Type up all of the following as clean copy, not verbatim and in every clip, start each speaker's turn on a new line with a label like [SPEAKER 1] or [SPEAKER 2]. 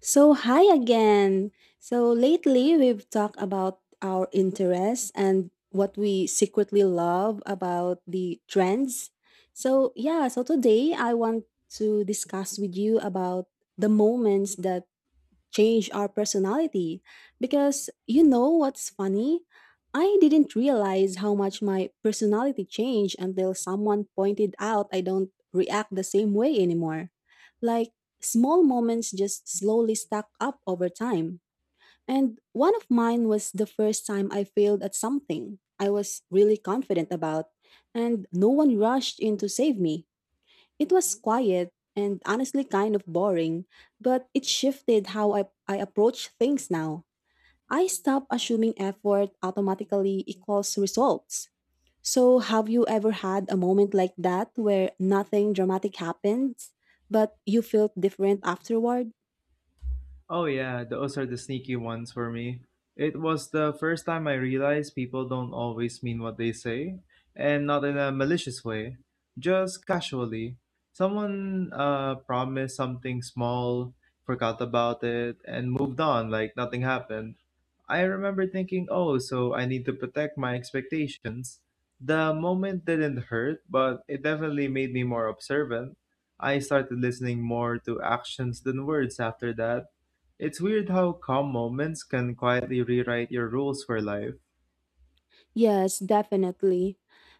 [SPEAKER 1] So, hi again. So, lately we've talked about our interests and what we secretly love about the trends. So today I want to discuss with you about the moments that change our personality. Because you know what's funny? I didn't realize how much my personality changed until someone pointed out I don't react the same way anymore. Like small moments just slowly stack up over time. And one of mine was the first time I failed at something I was really confident about, and no one rushed in to save me. It was quiet and honestly kind of boring, but it shifted how I approach things now. I stopped assuming effort automatically equals results. So, have you ever had a moment like that where nothing dramatic happens, but you felt different afterward?
[SPEAKER 2] Oh yeah, those are the sneaky ones for me. It was the first time I realized people don't always mean what they say, and not in a malicious way, just casually. Someone promised something small, forgot about it, and moved on like nothing happened. I remember thinking, oh, so I need to protect my expectations. The moment didn't hurt, but it definitely made me more observant. I started listening more to actions than words after that. It's weird how calm moments can quietly rewrite your rules for life.
[SPEAKER 1] Yes, definitely.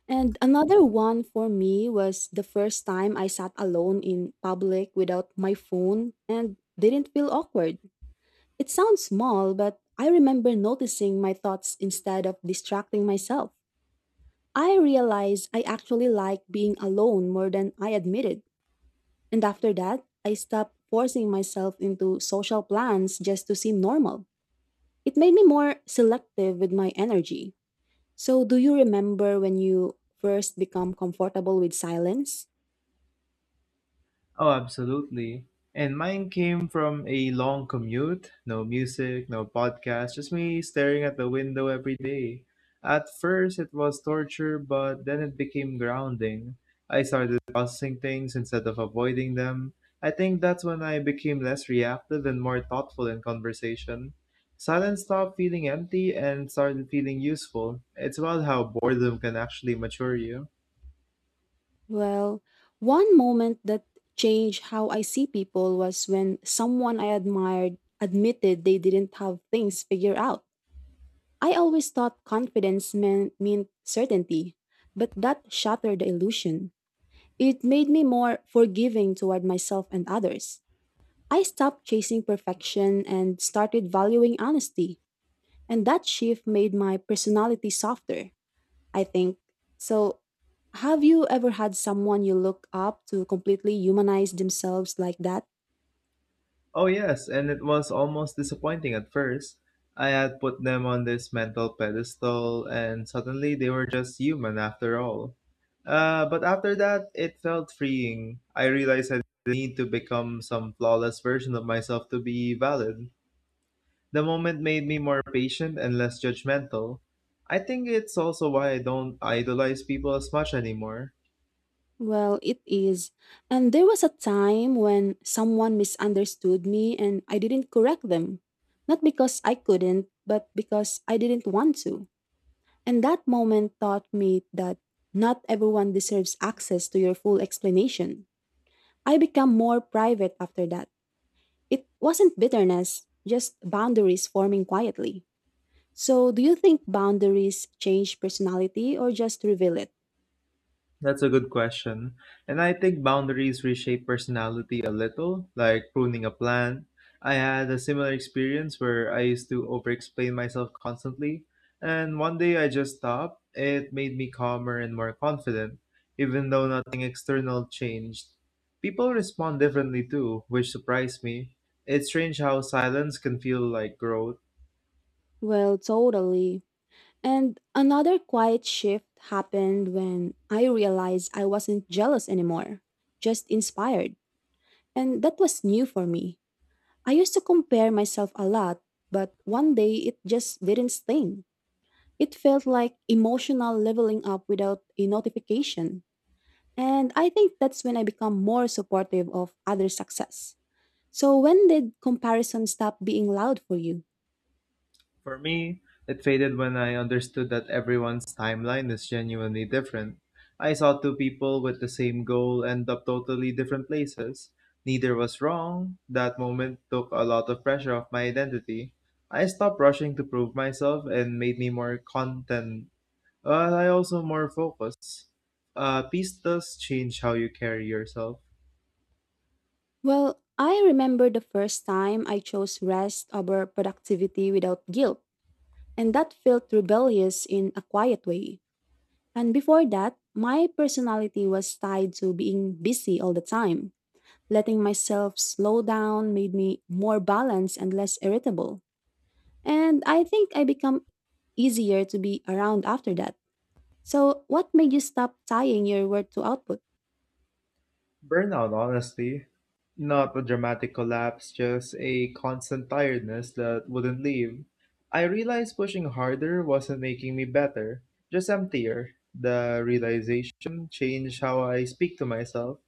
[SPEAKER 1] And another one for me was the first time I sat alone in public without my phone and didn't feel awkward. It sounds small, but I remember noticing my thoughts instead of distracting myself. I realized I actually liked being alone more than I admitted. And after that, I stopped forcing myself into social plans just to seem normal. It made me more selective with my energy. So, do you remember when you first become comfortable with silence?
[SPEAKER 2] Oh, absolutely. And mine came from a long commute, no music, no podcast, just me staring at the window every day. At first, it was torture, but then it became grounding. I started processing things instead of avoiding them. I think that's when I became less reactive and more thoughtful in conversation. Silence stopped feeling empty and started feeling useful. It's about how boredom can actually mature you.
[SPEAKER 1] Well, one moment that changed how I see people was when someone I admired admitted they didn't have things figured out. I always thought confidence meant certainty, but that shattered the illusion. It made me more forgiving toward myself and others. I stopped chasing perfection and started valuing honesty, and that shift made my personality softer, I think. So, have you ever had someone you look up to completely humanize themselves like that?
[SPEAKER 2] Oh, yes, and it was almost disappointing at first. I had put them on this mental pedestal, and suddenly they were just human after all. But after that, it felt freeing. I realized I didn't need to become some flawless version of myself to be valid. The moment made me more patient and less judgmental. I think it's also why I don't idolize people as much anymore.
[SPEAKER 1] Well, it is. And there was a time when someone misunderstood me and I didn't correct them. Not because I couldn't, but because I didn't want to. And that moment taught me that not everyone deserves access to your full explanation. I became more private after that. It wasn't bitterness, just boundaries forming quietly. So, do you think boundaries change personality or just reveal it?
[SPEAKER 2] That's a good question. And I think boundaries reshape personality a little, like pruning a plant. I had a similar experience where I used to overexplain myself constantly, and one day I just stopped. It made me calmer and more confident, even though nothing external changed. People respond differently too, which surprised me. It's strange how silence can feel like growth.
[SPEAKER 1] Well, totally. And another quiet shift happened when I realized I wasn't jealous anymore, just inspired. And that was new for me. I used to compare myself a lot, but one day it just didn't sting. It felt like emotional leveling up without a notification. And I think that's when I become more supportive of others' success. So, when did comparison stop being loud for you?
[SPEAKER 2] For me, it faded when I understood that everyone's timeline is genuinely different. I saw two people with the same goal end up totally different places. Neither was wrong. That moment took a lot of pressure off my identity. I stopped rushing to prove myself and made me more content. I also more focused. Peace does change how you carry yourself.
[SPEAKER 1] Well, I remember the first time I chose rest over productivity without guilt, and that felt rebellious in a quiet way. And before that, my personality was tied to being busy all the time. Letting myself slow down made me more balanced and less irritable. And I think I become easier to be around after that. So, what made you stop tying your work to output?
[SPEAKER 2] Burnout, honestly. Not a dramatic collapse, just a constant tiredness that wouldn't leave. I realized pushing harder wasn't making me better, just emptier. The realization changed how I speak to myself.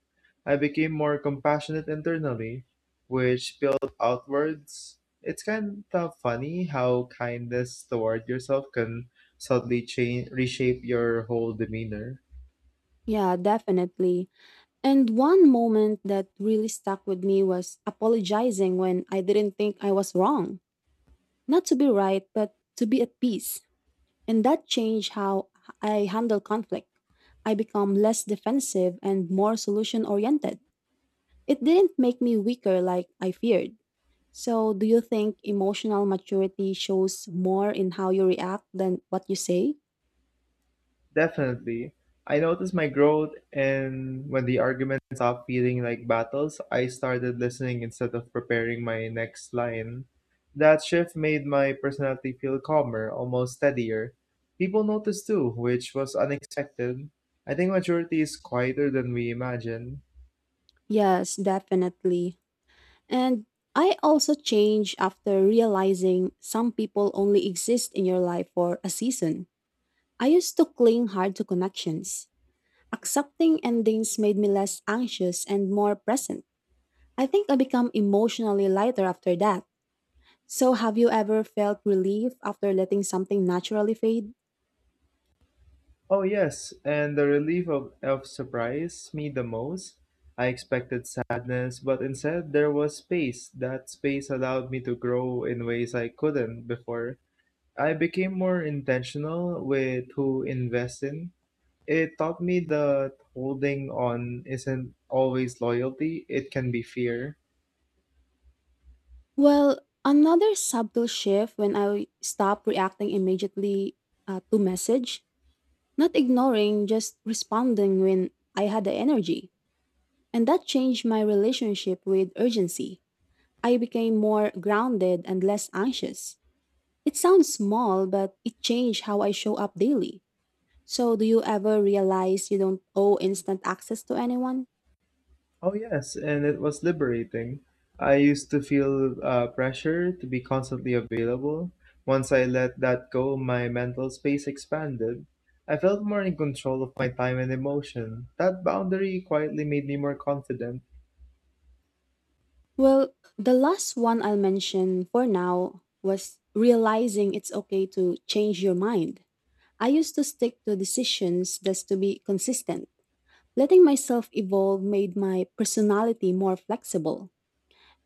[SPEAKER 2] I became more compassionate internally, which spilled outwards. It's kind of funny how kindness toward yourself can subtly change, reshape your whole demeanor.
[SPEAKER 1] Yeah, definitely. And one moment that really stuck with me was apologizing when I didn't think I was wrong. Not to be right, but to be at peace. And that changed how I handle conflict. I become less defensive and more solution oriented. It didn't make me weaker like I feared. So, do you think emotional maturity shows more in how you react than what you say?
[SPEAKER 2] Definitely. I noticed my growth and when the argument stopped feeling like battles, I started listening instead of preparing my next line. That shift made my personality feel calmer, almost steadier. People noticed too, which was unexpected. I think maturity is quieter than we imagine.
[SPEAKER 1] Yes, definitely. And I also changed after realizing some people only exist in your life for a season. I used to cling hard to connections. Accepting endings made me less anxious and more present. I think I become emotionally lighter after that. So, have you ever felt relief after letting something naturally fade?
[SPEAKER 2] Oh, yes, and the relief of surprised me the most. I expected sadness, but instead there was space. That space allowed me to grow in ways I couldn't before. I became more intentional with who invest in. It taught me that holding on isn't always loyalty, it can be fear.
[SPEAKER 1] Well, another subtle shift when I stopped reacting immediately to message, not ignoring, just responding when I had the energy. And that changed my relationship with urgency. I became more grounded and less anxious. It sounds small, but it changed how I show up daily. So, do you ever realize you don't owe instant access to anyone?
[SPEAKER 2] Oh, yes, and it was liberating. I used to feel pressure to be constantly available. Once I let that go, my mental space expanded. I felt more in control of my time and emotion. That boundary quietly made me more confident.
[SPEAKER 1] Well, the last one I'll mention for now was realizing it's okay to change your mind. I used to stick to decisions just to be consistent. Letting myself evolve made my personality more flexible.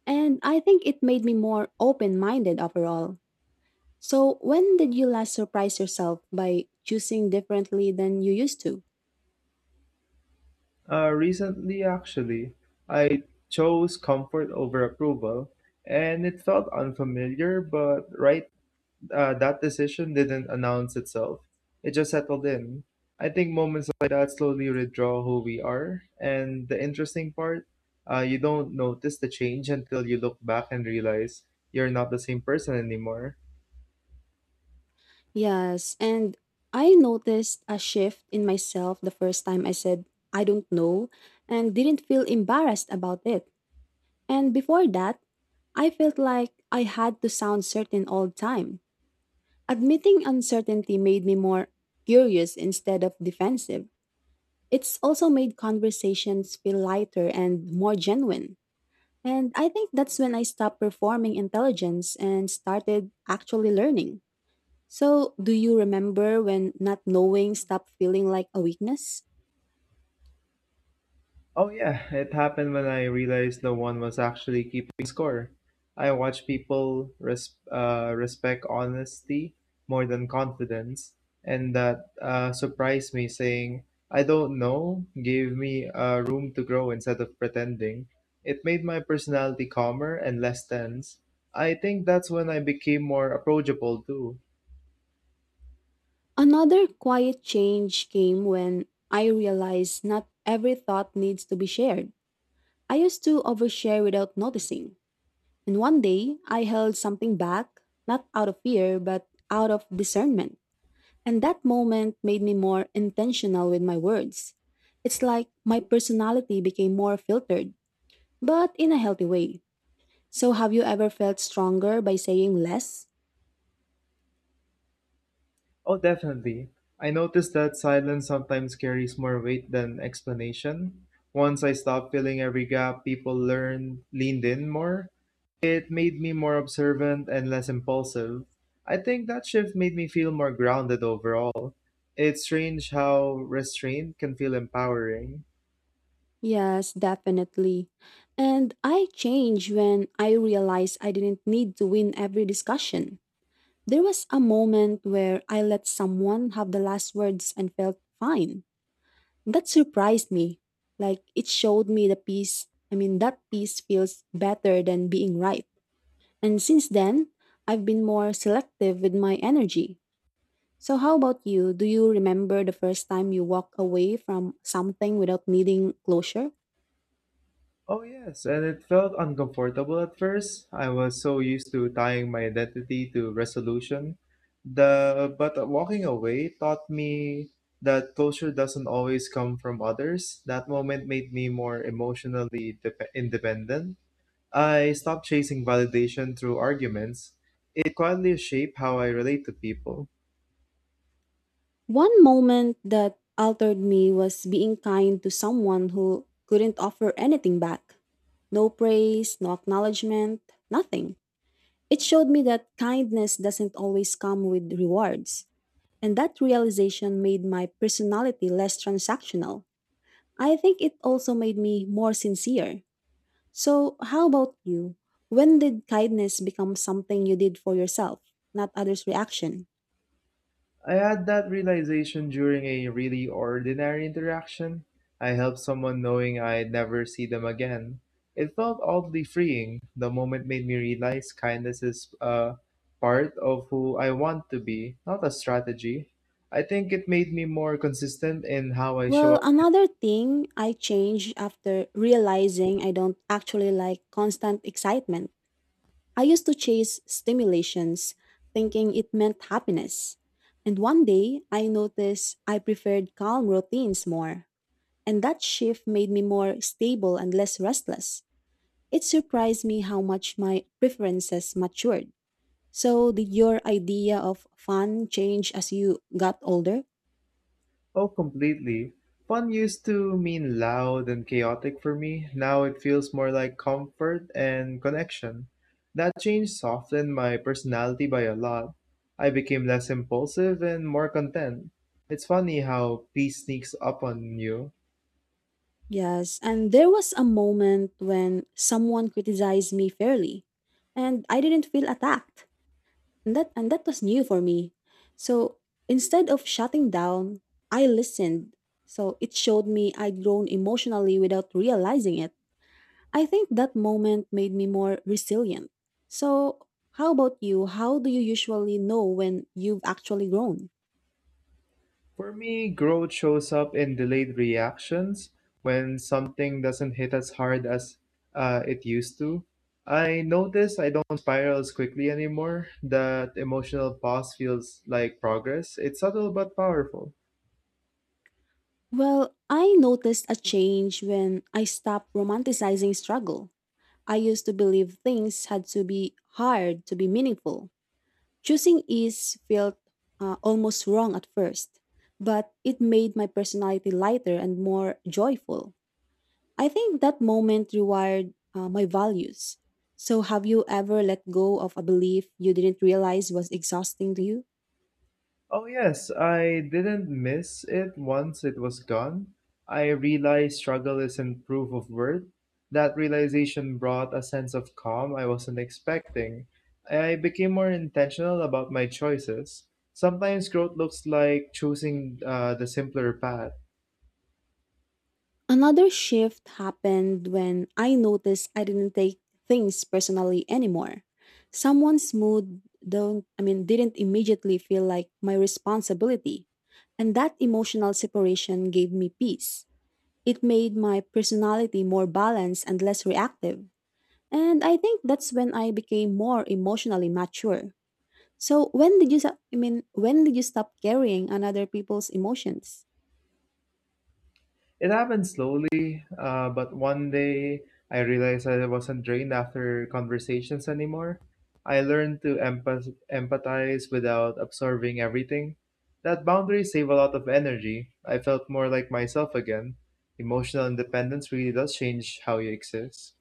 [SPEAKER 1] And I think it made me more open minded overall. So, when did you last surprise yourself by choosing differently than you used to?
[SPEAKER 2] Recently, actually, I chose comfort over approval, and it felt unfamiliar, but right. That decision didn't announce itself. It just settled in. I think moments like that slowly redraw who we are. And the interesting part, you don't notice the change until you look back and realize you're not the same person anymore.
[SPEAKER 1] Yes, and I noticed a shift in myself the first time I said, I don't know, and didn't feel embarrassed about it. And before that, I felt like I had to sound certain all the time. Admitting uncertainty made me more curious instead of defensive. It's also made conversations feel lighter and more genuine. And I think that's when I stopped performing intelligence and started actually learning. So, do you remember when not knowing stopped feeling like a weakness?
[SPEAKER 2] Oh yeah, it happened when I realized no one was actually keeping score. I watch people respect honesty more than confidence, and that surprised me. Saying I don't know gave me room to grow instead of pretending. It made my personality calmer and less tense. I think that's when I became more approachable too.
[SPEAKER 1] Another quiet change came when I realized not every thought needs to be shared. I used to overshare without noticing. And one day, I held something back, not out of fear, but out of discernment. And that moment made me more intentional with my words. It's like my personality became more filtered, but in a healthy way. So, have you ever felt stronger by saying less?
[SPEAKER 2] Oh, definitely. I noticed that silence sometimes carries more weight than explanation. Once I stopped filling every gap, people learned, leaned in more. It made me more observant and less impulsive. I think that shift made me feel more grounded overall. It's strange how restraint can feel empowering.
[SPEAKER 1] Yes, definitely. And I changed when I realized I didn't need to win every discussion. There was a moment where I let someone have the last words and felt fine. That surprised me. Like, it showed me the peace. I mean, that peace feels better than being right. And since then, I've been more selective with my energy. So, how about you? Do you remember the first time you walked away from something without needing closure?
[SPEAKER 2] Oh, yes, and it felt uncomfortable at first. I was so used to tying my identity to resolution. The but walking away taught me that closure doesn't always come from others. That moment made me more emotionally dep independent. I stopped chasing validation through arguments. It quietly shaped how I relate to people.
[SPEAKER 1] One moment that altered me was being kind to someone who couldn't offer anything back, no praise, no acknowledgement, nothing. It showed me that kindness doesn't always come with rewards. And that realization made my personality less transactional. I think it also made me more sincere. So, how about you? When did kindness become something you did for yourself, not others' reaction?
[SPEAKER 2] I had that realization during a really ordinary interaction. I helped someone knowing I'd never see them again. It felt oddly freeing. The moment made me realize kindness is a part of who I want to be, not a strategy. I think it made me more consistent in how I
[SPEAKER 1] Well,
[SPEAKER 2] show.
[SPEAKER 1] another thing I changed after realizing I don't actually like constant excitement. I used to chase stimulations, thinking it meant happiness. And one day, I noticed I preferred calm routines more. And that shift made me more stable and less restless. It surprised me how much my preferences matured. So, did your idea of fun change as you got older?
[SPEAKER 2] Oh, completely. Fun used to mean loud and chaotic for me. Now it feels more like comfort and connection. That change softened my personality by a lot. I became less impulsive and more content. It's funny how peace sneaks up on you.
[SPEAKER 1] Yes, and there was a moment when someone criticized me fairly, and I didn't feel attacked. And that was new for me. So, instead of shutting down, I listened. So, it showed me I'd grown emotionally without realizing it. I think that moment made me more resilient. So, how about you? How do you usually know when you've actually grown?
[SPEAKER 2] For me, growth shows up in delayed reactions when something doesn't hit as hard as it used to. I notice I don't spiral as quickly anymore. That emotional pause feels like progress. It's subtle but powerful.
[SPEAKER 1] Well, I noticed a change when I stopped romanticizing struggle. I used to believe things had to be hard to be meaningful. Choosing ease felt almost wrong at first, but it made my personality lighter and more joyful. I think that moment rewired my values. So, have you ever let go of a belief you didn't realize was exhausting to you?
[SPEAKER 2] Oh, yes, I didn't miss it once it was gone. I realized struggle isn't proof of worth. That realization brought a sense of calm I wasn't expecting. I became more intentional about my choices. Sometimes growth looks like choosing the simpler path.
[SPEAKER 1] Another shift happened when I noticed I didn't take things personally anymore. Someone's mood don't I mean didn't immediately feel like my responsibility. And that emotional separation gave me peace. It made my personality more balanced and less reactive. And I think that's when I became more emotionally mature. So, when did you stop carrying another people's emotions?
[SPEAKER 2] It happened slowly, but one day I realized I wasn't drained after conversations anymore. I learned to empathize without absorbing everything. That boundary saved a lot of energy. I felt more like myself again. Emotional independence really does change how you exist.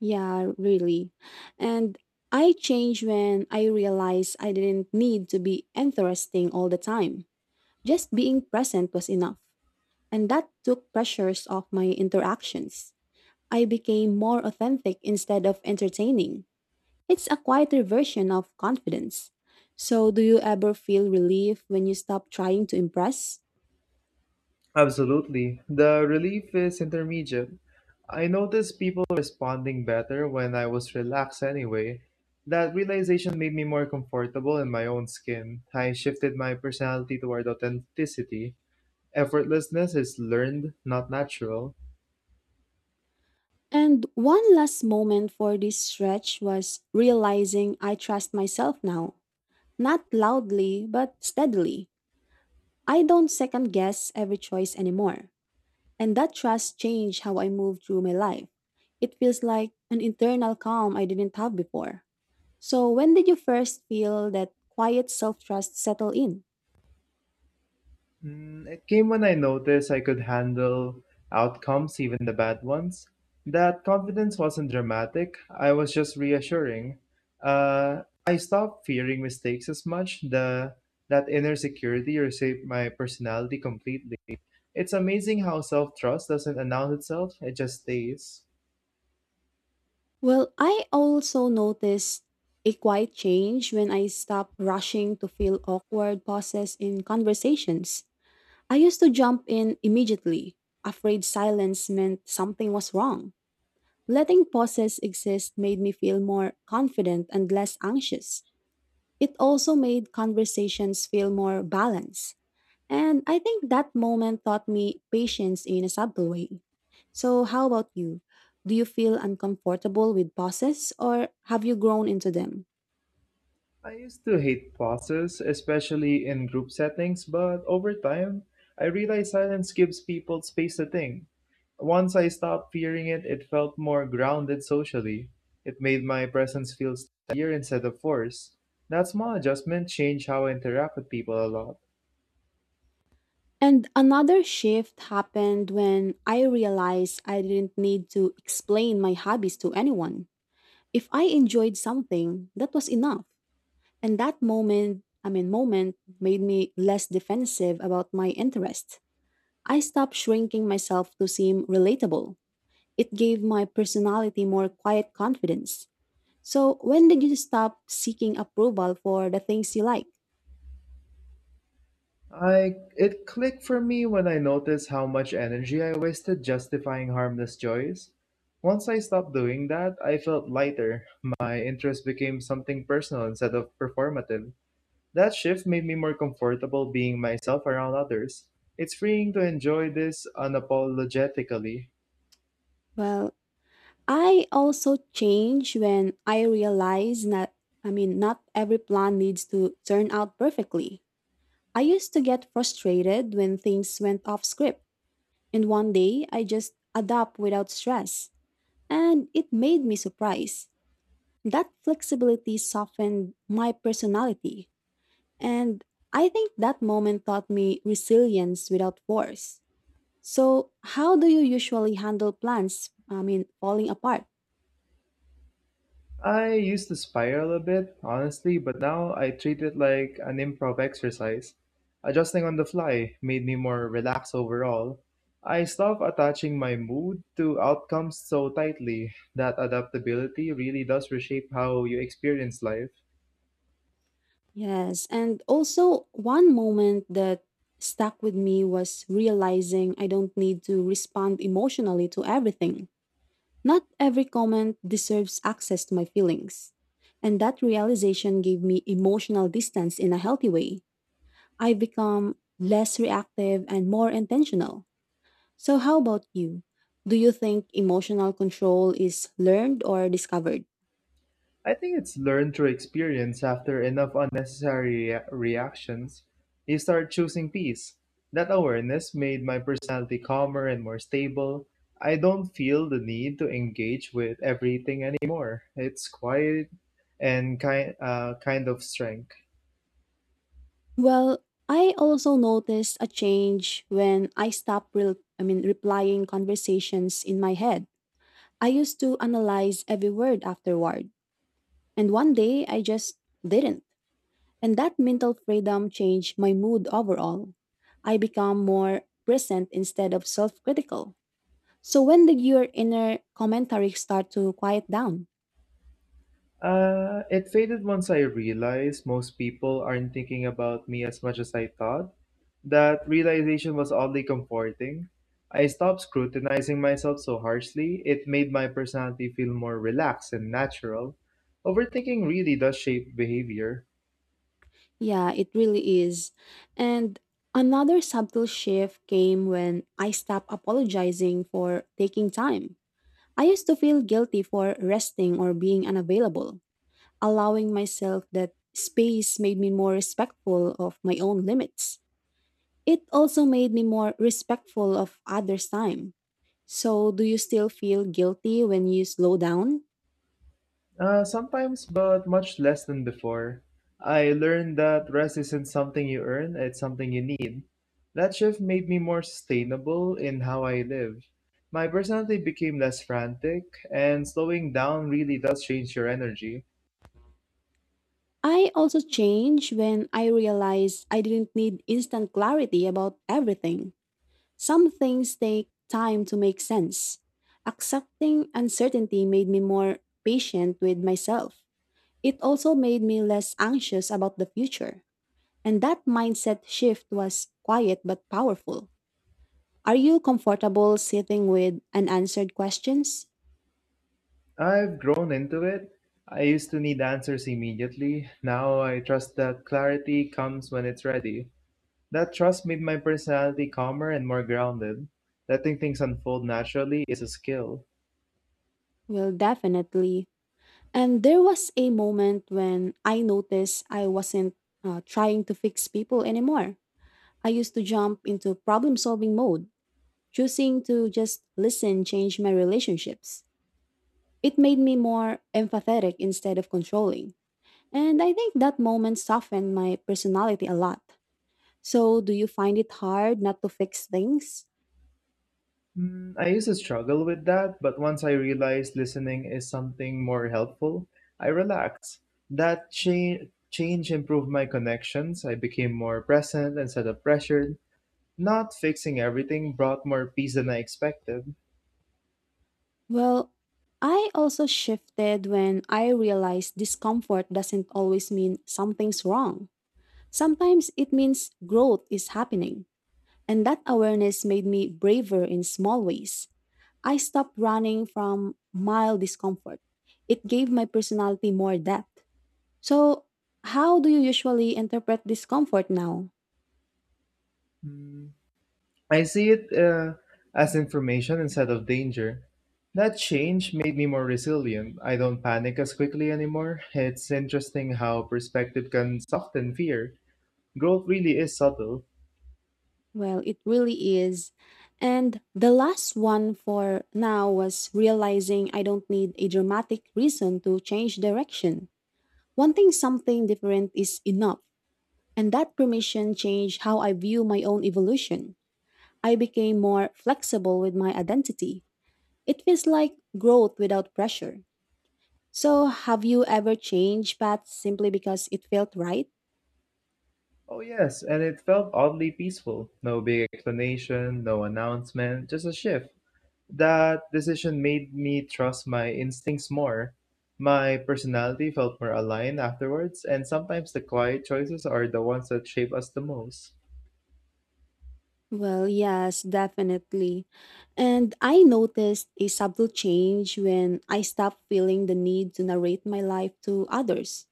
[SPEAKER 1] Yeah, really. And I changed when I realized I didn't need to be interesting all the time. Just being present was enough. And that took pressures off my interactions. I became more authentic instead of entertaining. It's a quieter version of confidence. So, do you ever feel relief when you stop trying to impress?
[SPEAKER 2] Absolutely. The relief is intermediate. I noticed people responding better when I was relaxed anyway. That realization made me more comfortable in my own skin. I shifted my personality toward authenticity. Effortlessness is learned, not natural.
[SPEAKER 1] And one last moment for this stretch was realizing I trust myself now. Not loudly, but steadily. I don't second guess every choice anymore. And that trust changed how I move through my life. It feels like an internal calm I didn't have before. So, when did you first feel that quiet self trust settle in?
[SPEAKER 2] It came when I noticed I could handle outcomes, even the bad ones. That confidence wasn't dramatic, I was just reassuring. I stopped fearing mistakes as much. The that inner security reshaped my personality completely. It's amazing how self-trust doesn't announce itself, it just stays.
[SPEAKER 1] Well, I also noticed a quiet change when I stopped rushing to fill awkward pauses in conversations. I used to jump in immediately, afraid silence meant something was wrong. Letting pauses exist made me feel more confident and less anxious. It also made conversations feel more balanced. And I think that moment taught me patience in a subtle way. So, how about you? Do you feel uncomfortable with pauses or have you grown into them?
[SPEAKER 2] I used to hate pauses, especially in group settings, but over time, I realized silence gives people space to think. Once I stopped fearing it, it felt more grounded socially. It made my presence feel steadier instead of forced. That small adjustment changed how I interact with people a lot.
[SPEAKER 1] And another shift happened when I realized I didn't need to explain my hobbies to anyone. If I enjoyed something, that was enough. And that moment made me less defensive about my interests. I stopped shrinking myself to seem relatable. It gave my personality more quiet confidence. So, when did you stop seeking approval for the things you like?
[SPEAKER 2] I it clicked for me when I noticed how much energy I wasted justifying harmless joys. Once I stopped doing that, I felt lighter. My interest became something personal instead of performative. That shift made me more comfortable being myself around others. It's freeing to enjoy this unapologetically.
[SPEAKER 1] Well, I also change when I realize that, not every plan needs to turn out perfectly. I used to get frustrated when things went off script. And one day, I just adapt without stress. And it made me surprised. That flexibility softened my personality. And I think that moment taught me resilience without force. So, how do you usually handle plans, falling apart?
[SPEAKER 2] I used to spiral a bit, honestly, but now I treat it like an improv exercise. Adjusting on the fly made me more relaxed overall. I stopped attaching my mood to outcomes so tightly that adaptability really does reshape how you experience life.
[SPEAKER 1] Yes. And also, one moment that stuck with me was realizing I don't need to respond emotionally to everything. Not every comment deserves access to my feelings. And that realization gave me emotional distance in a healthy way. I've become less reactive and more intentional. So, how about you? Do you think emotional control is learned or discovered?
[SPEAKER 2] I think it's learned through experience after enough unnecessary reactions, you start choosing peace. That awareness made my personality calmer and more stable. I don't feel the need to engage with everything anymore. It's quiet and kind of strength.
[SPEAKER 1] Well, I also noticed a change when I stopped replying conversations in my head. I used to analyze every word afterward, and one day I just didn't. And that mental freedom changed my mood overall. I become more present instead of self critical. So, when did your inner commentary start to quiet down?
[SPEAKER 2] It faded once I realized most people aren't thinking about me as much as I thought. That realization was oddly comforting. I stopped scrutinizing myself so harshly. It made my personality feel more relaxed and natural. Overthinking really does shape behavior.
[SPEAKER 1] Yeah, it really is. And another subtle shift came when I stopped apologizing for taking time. I used to feel guilty for resting or being unavailable. Allowing myself that space made me more respectful of my own limits. It also made me more respectful of others' time. So, do you still feel guilty when you slow down?
[SPEAKER 2] Sometimes, but much less than before. I learned that rest isn't something you earn, it's something you need. That shift made me more sustainable in how I live. My personality became less frantic, and slowing down really does change your energy.
[SPEAKER 1] I also change when I realize I didn't need instant clarity about everything. Some things take time to make sense. Accepting uncertainty made me more patient with myself. It also made me less anxious about the future. And that mindset shift was quiet but powerful. Are you comfortable sitting with unanswered questions?
[SPEAKER 2] I've grown into it. I used to need answers immediately. Now I trust that clarity comes when it's ready. That trust made my personality calmer and more grounded. Letting things unfold naturally is a skill.
[SPEAKER 1] Well, definitely. And there was a moment when I noticed I wasn't trying to fix people anymore. I used to jump into problem solving mode, choosing to just listen changed my relationships. It made me more empathetic instead of controlling. And I think that moment softened my personality a lot. So, do you find it hard not to fix things?
[SPEAKER 2] I used to struggle with that, but once I realized listening is something more helpful, I relaxed. That change improved my connections. I became more present instead of pressured. Not fixing everything brought more peace than I expected.
[SPEAKER 1] Well, I also shifted when I realized discomfort doesn't always mean something's wrong. Sometimes it means growth is happening. And that awareness made me braver in small ways. I stopped running from mild discomfort. It gave my personality more depth. So, how do you usually interpret discomfort now?
[SPEAKER 2] Hmm, I see it as information instead of danger. That change made me more resilient. I don't panic as quickly anymore. It's interesting how perspective can soften fear. Growth really is subtle.
[SPEAKER 1] Well, it really is. And the last one for now was realizing I don't need a dramatic reason to change direction. Wanting something different is enough. And that permission changed how I view my own evolution. I became more flexible with my identity. It feels like growth without pressure. So, have you ever changed paths simply because it felt right?
[SPEAKER 2] Oh, yes, and it felt oddly peaceful. No big explanation, no announcement, just a shift. That decision made me trust my instincts more. My personality felt more aligned afterwards, and sometimes the quiet choices are the ones that shape us the most.
[SPEAKER 1] Well, yes, definitely. And I noticed a subtle change when I stopped feeling the need to narrate my life to others.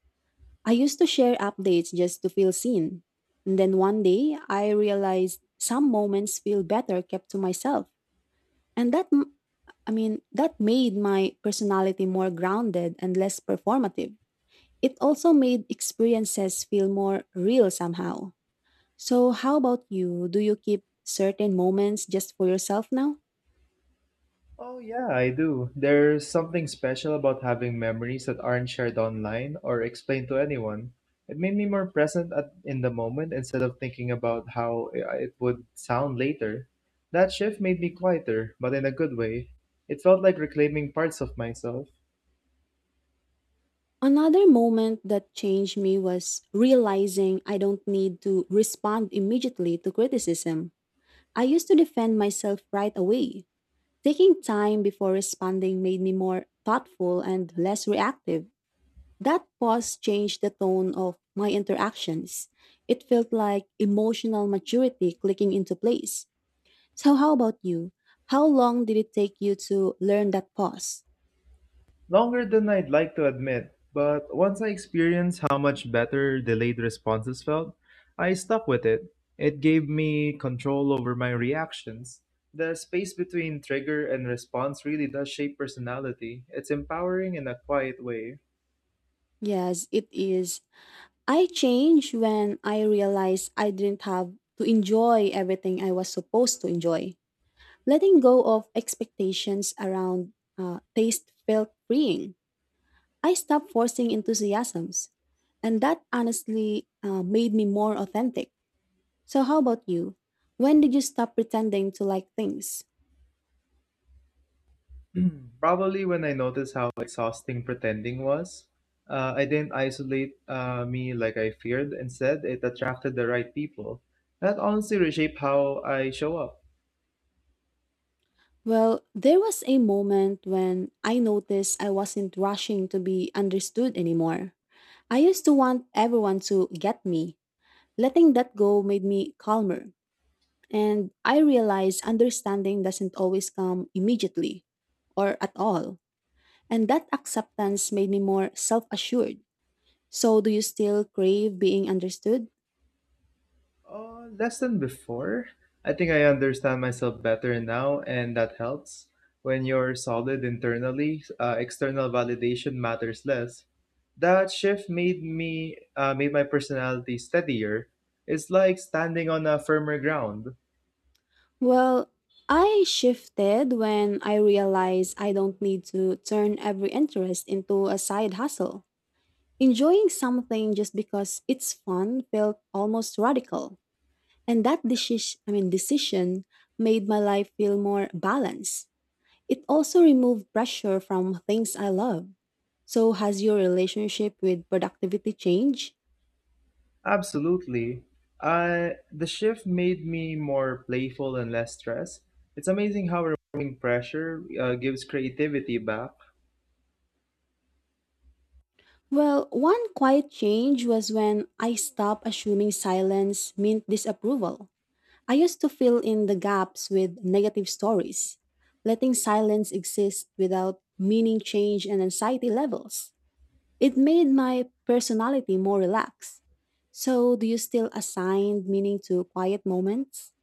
[SPEAKER 1] I used to share updates just to feel seen. And then one day, I realized some moments feel better kept to myself. And that, that made my personality more grounded and less performative. It also made experiences feel more real somehow. So, how about you? Do you keep certain moments just for yourself now?
[SPEAKER 2] Oh, yeah, I do. There's something special about having memories that aren't shared online or explained to anyone. It made me more present at, in the moment instead of thinking about how it would sound later. That shift made me quieter, but in a good way. It felt like reclaiming parts of myself.
[SPEAKER 1] Another moment that changed me was realizing I don't need to respond immediately to criticism. I used to defend myself right away. Taking time before responding made me more thoughtful and less reactive. That pause changed the tone of my interactions. It felt like emotional maturity clicking into place. So, how about you? How long did it take you to learn that pause?
[SPEAKER 2] Longer than I'd like to admit, but once I experienced how much better delayed responses felt, I stuck with it. It gave me control over my reactions. The space between trigger and response really does shape personality. It's empowering in a quiet way.
[SPEAKER 1] Yes, it is. I changed when I realized I didn't have to enjoy everything I was supposed to enjoy. Letting go of expectations around taste felt freeing. I stopped forcing enthusiasms, and that honestly made me more authentic. So, how about you? When did you stop pretending to like things?
[SPEAKER 2] Probably when I noticed how exhausting pretending was, I didn't isolate me like I feared. Instead, it attracted the right people. That honestly reshaped how I show up.
[SPEAKER 1] Well, there was a moment when I noticed I wasn't rushing to be understood anymore. I used to want everyone to get me. Letting that go made me calmer. And I realized understanding doesn't always come immediately or at all. And that acceptance made me more self assured. So, do you still crave being understood?
[SPEAKER 2] Less than before. I think I understand myself better now, and that helps. When you're solid internally, external validation matters less. That shift made my personality steadier. It's like standing on a firmer ground.
[SPEAKER 1] Well, I shifted when I realized I don't need to turn every interest into a side hustle. Enjoying something just because it's fun felt almost radical, and that decision, I mean decision made my life feel more balanced. It also removed pressure from things I love. So has your relationship with productivity changed?
[SPEAKER 2] Absolutely. I the shift made me more playful and less stressed. It's amazing how removing pressure gives creativity back.
[SPEAKER 1] Well, one quiet change was when I stopped assuming silence meant disapproval. I used to fill in the gaps with negative stories, letting silence exist without meaning change and anxiety levels. It made my personality more relaxed. So, do you still assign meaning to quiet moments?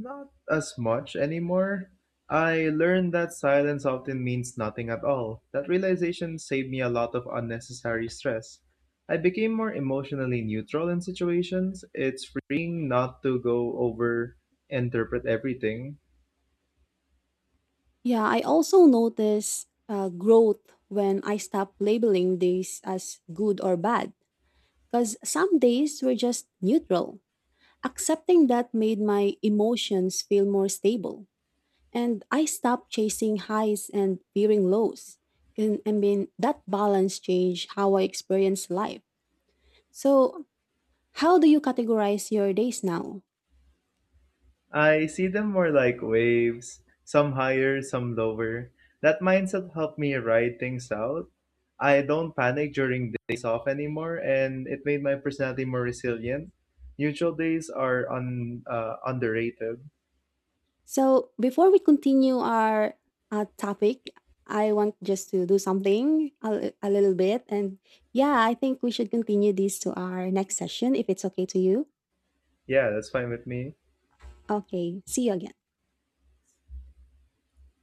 [SPEAKER 2] Not as much anymore. I learned that silence often means nothing at all. That realization saved me a lot of unnecessary stress. I became more emotionally neutral in situations. It's freeing not to go over interpret everything.
[SPEAKER 1] Yeah, I also notice growth when I stop labeling days as good or bad, because some days were just neutral. Accepting that made my emotions feel more stable, and I stopped chasing highs and fearing lows. And that balance changed how I experience life. So, how do you categorize your days now?
[SPEAKER 2] I see them more like waves, some higher, some lower. That mindset helped me ride things out. I don't panic during days off anymore, and it made my personality more resilient. Neutral days are underrated.
[SPEAKER 1] So before we continue our topic, I want just to do something a little bit. And yeah, I think we should continue this to our next session if it's okay to you.
[SPEAKER 2] Yeah, that's fine with me.
[SPEAKER 1] Okay, see you again.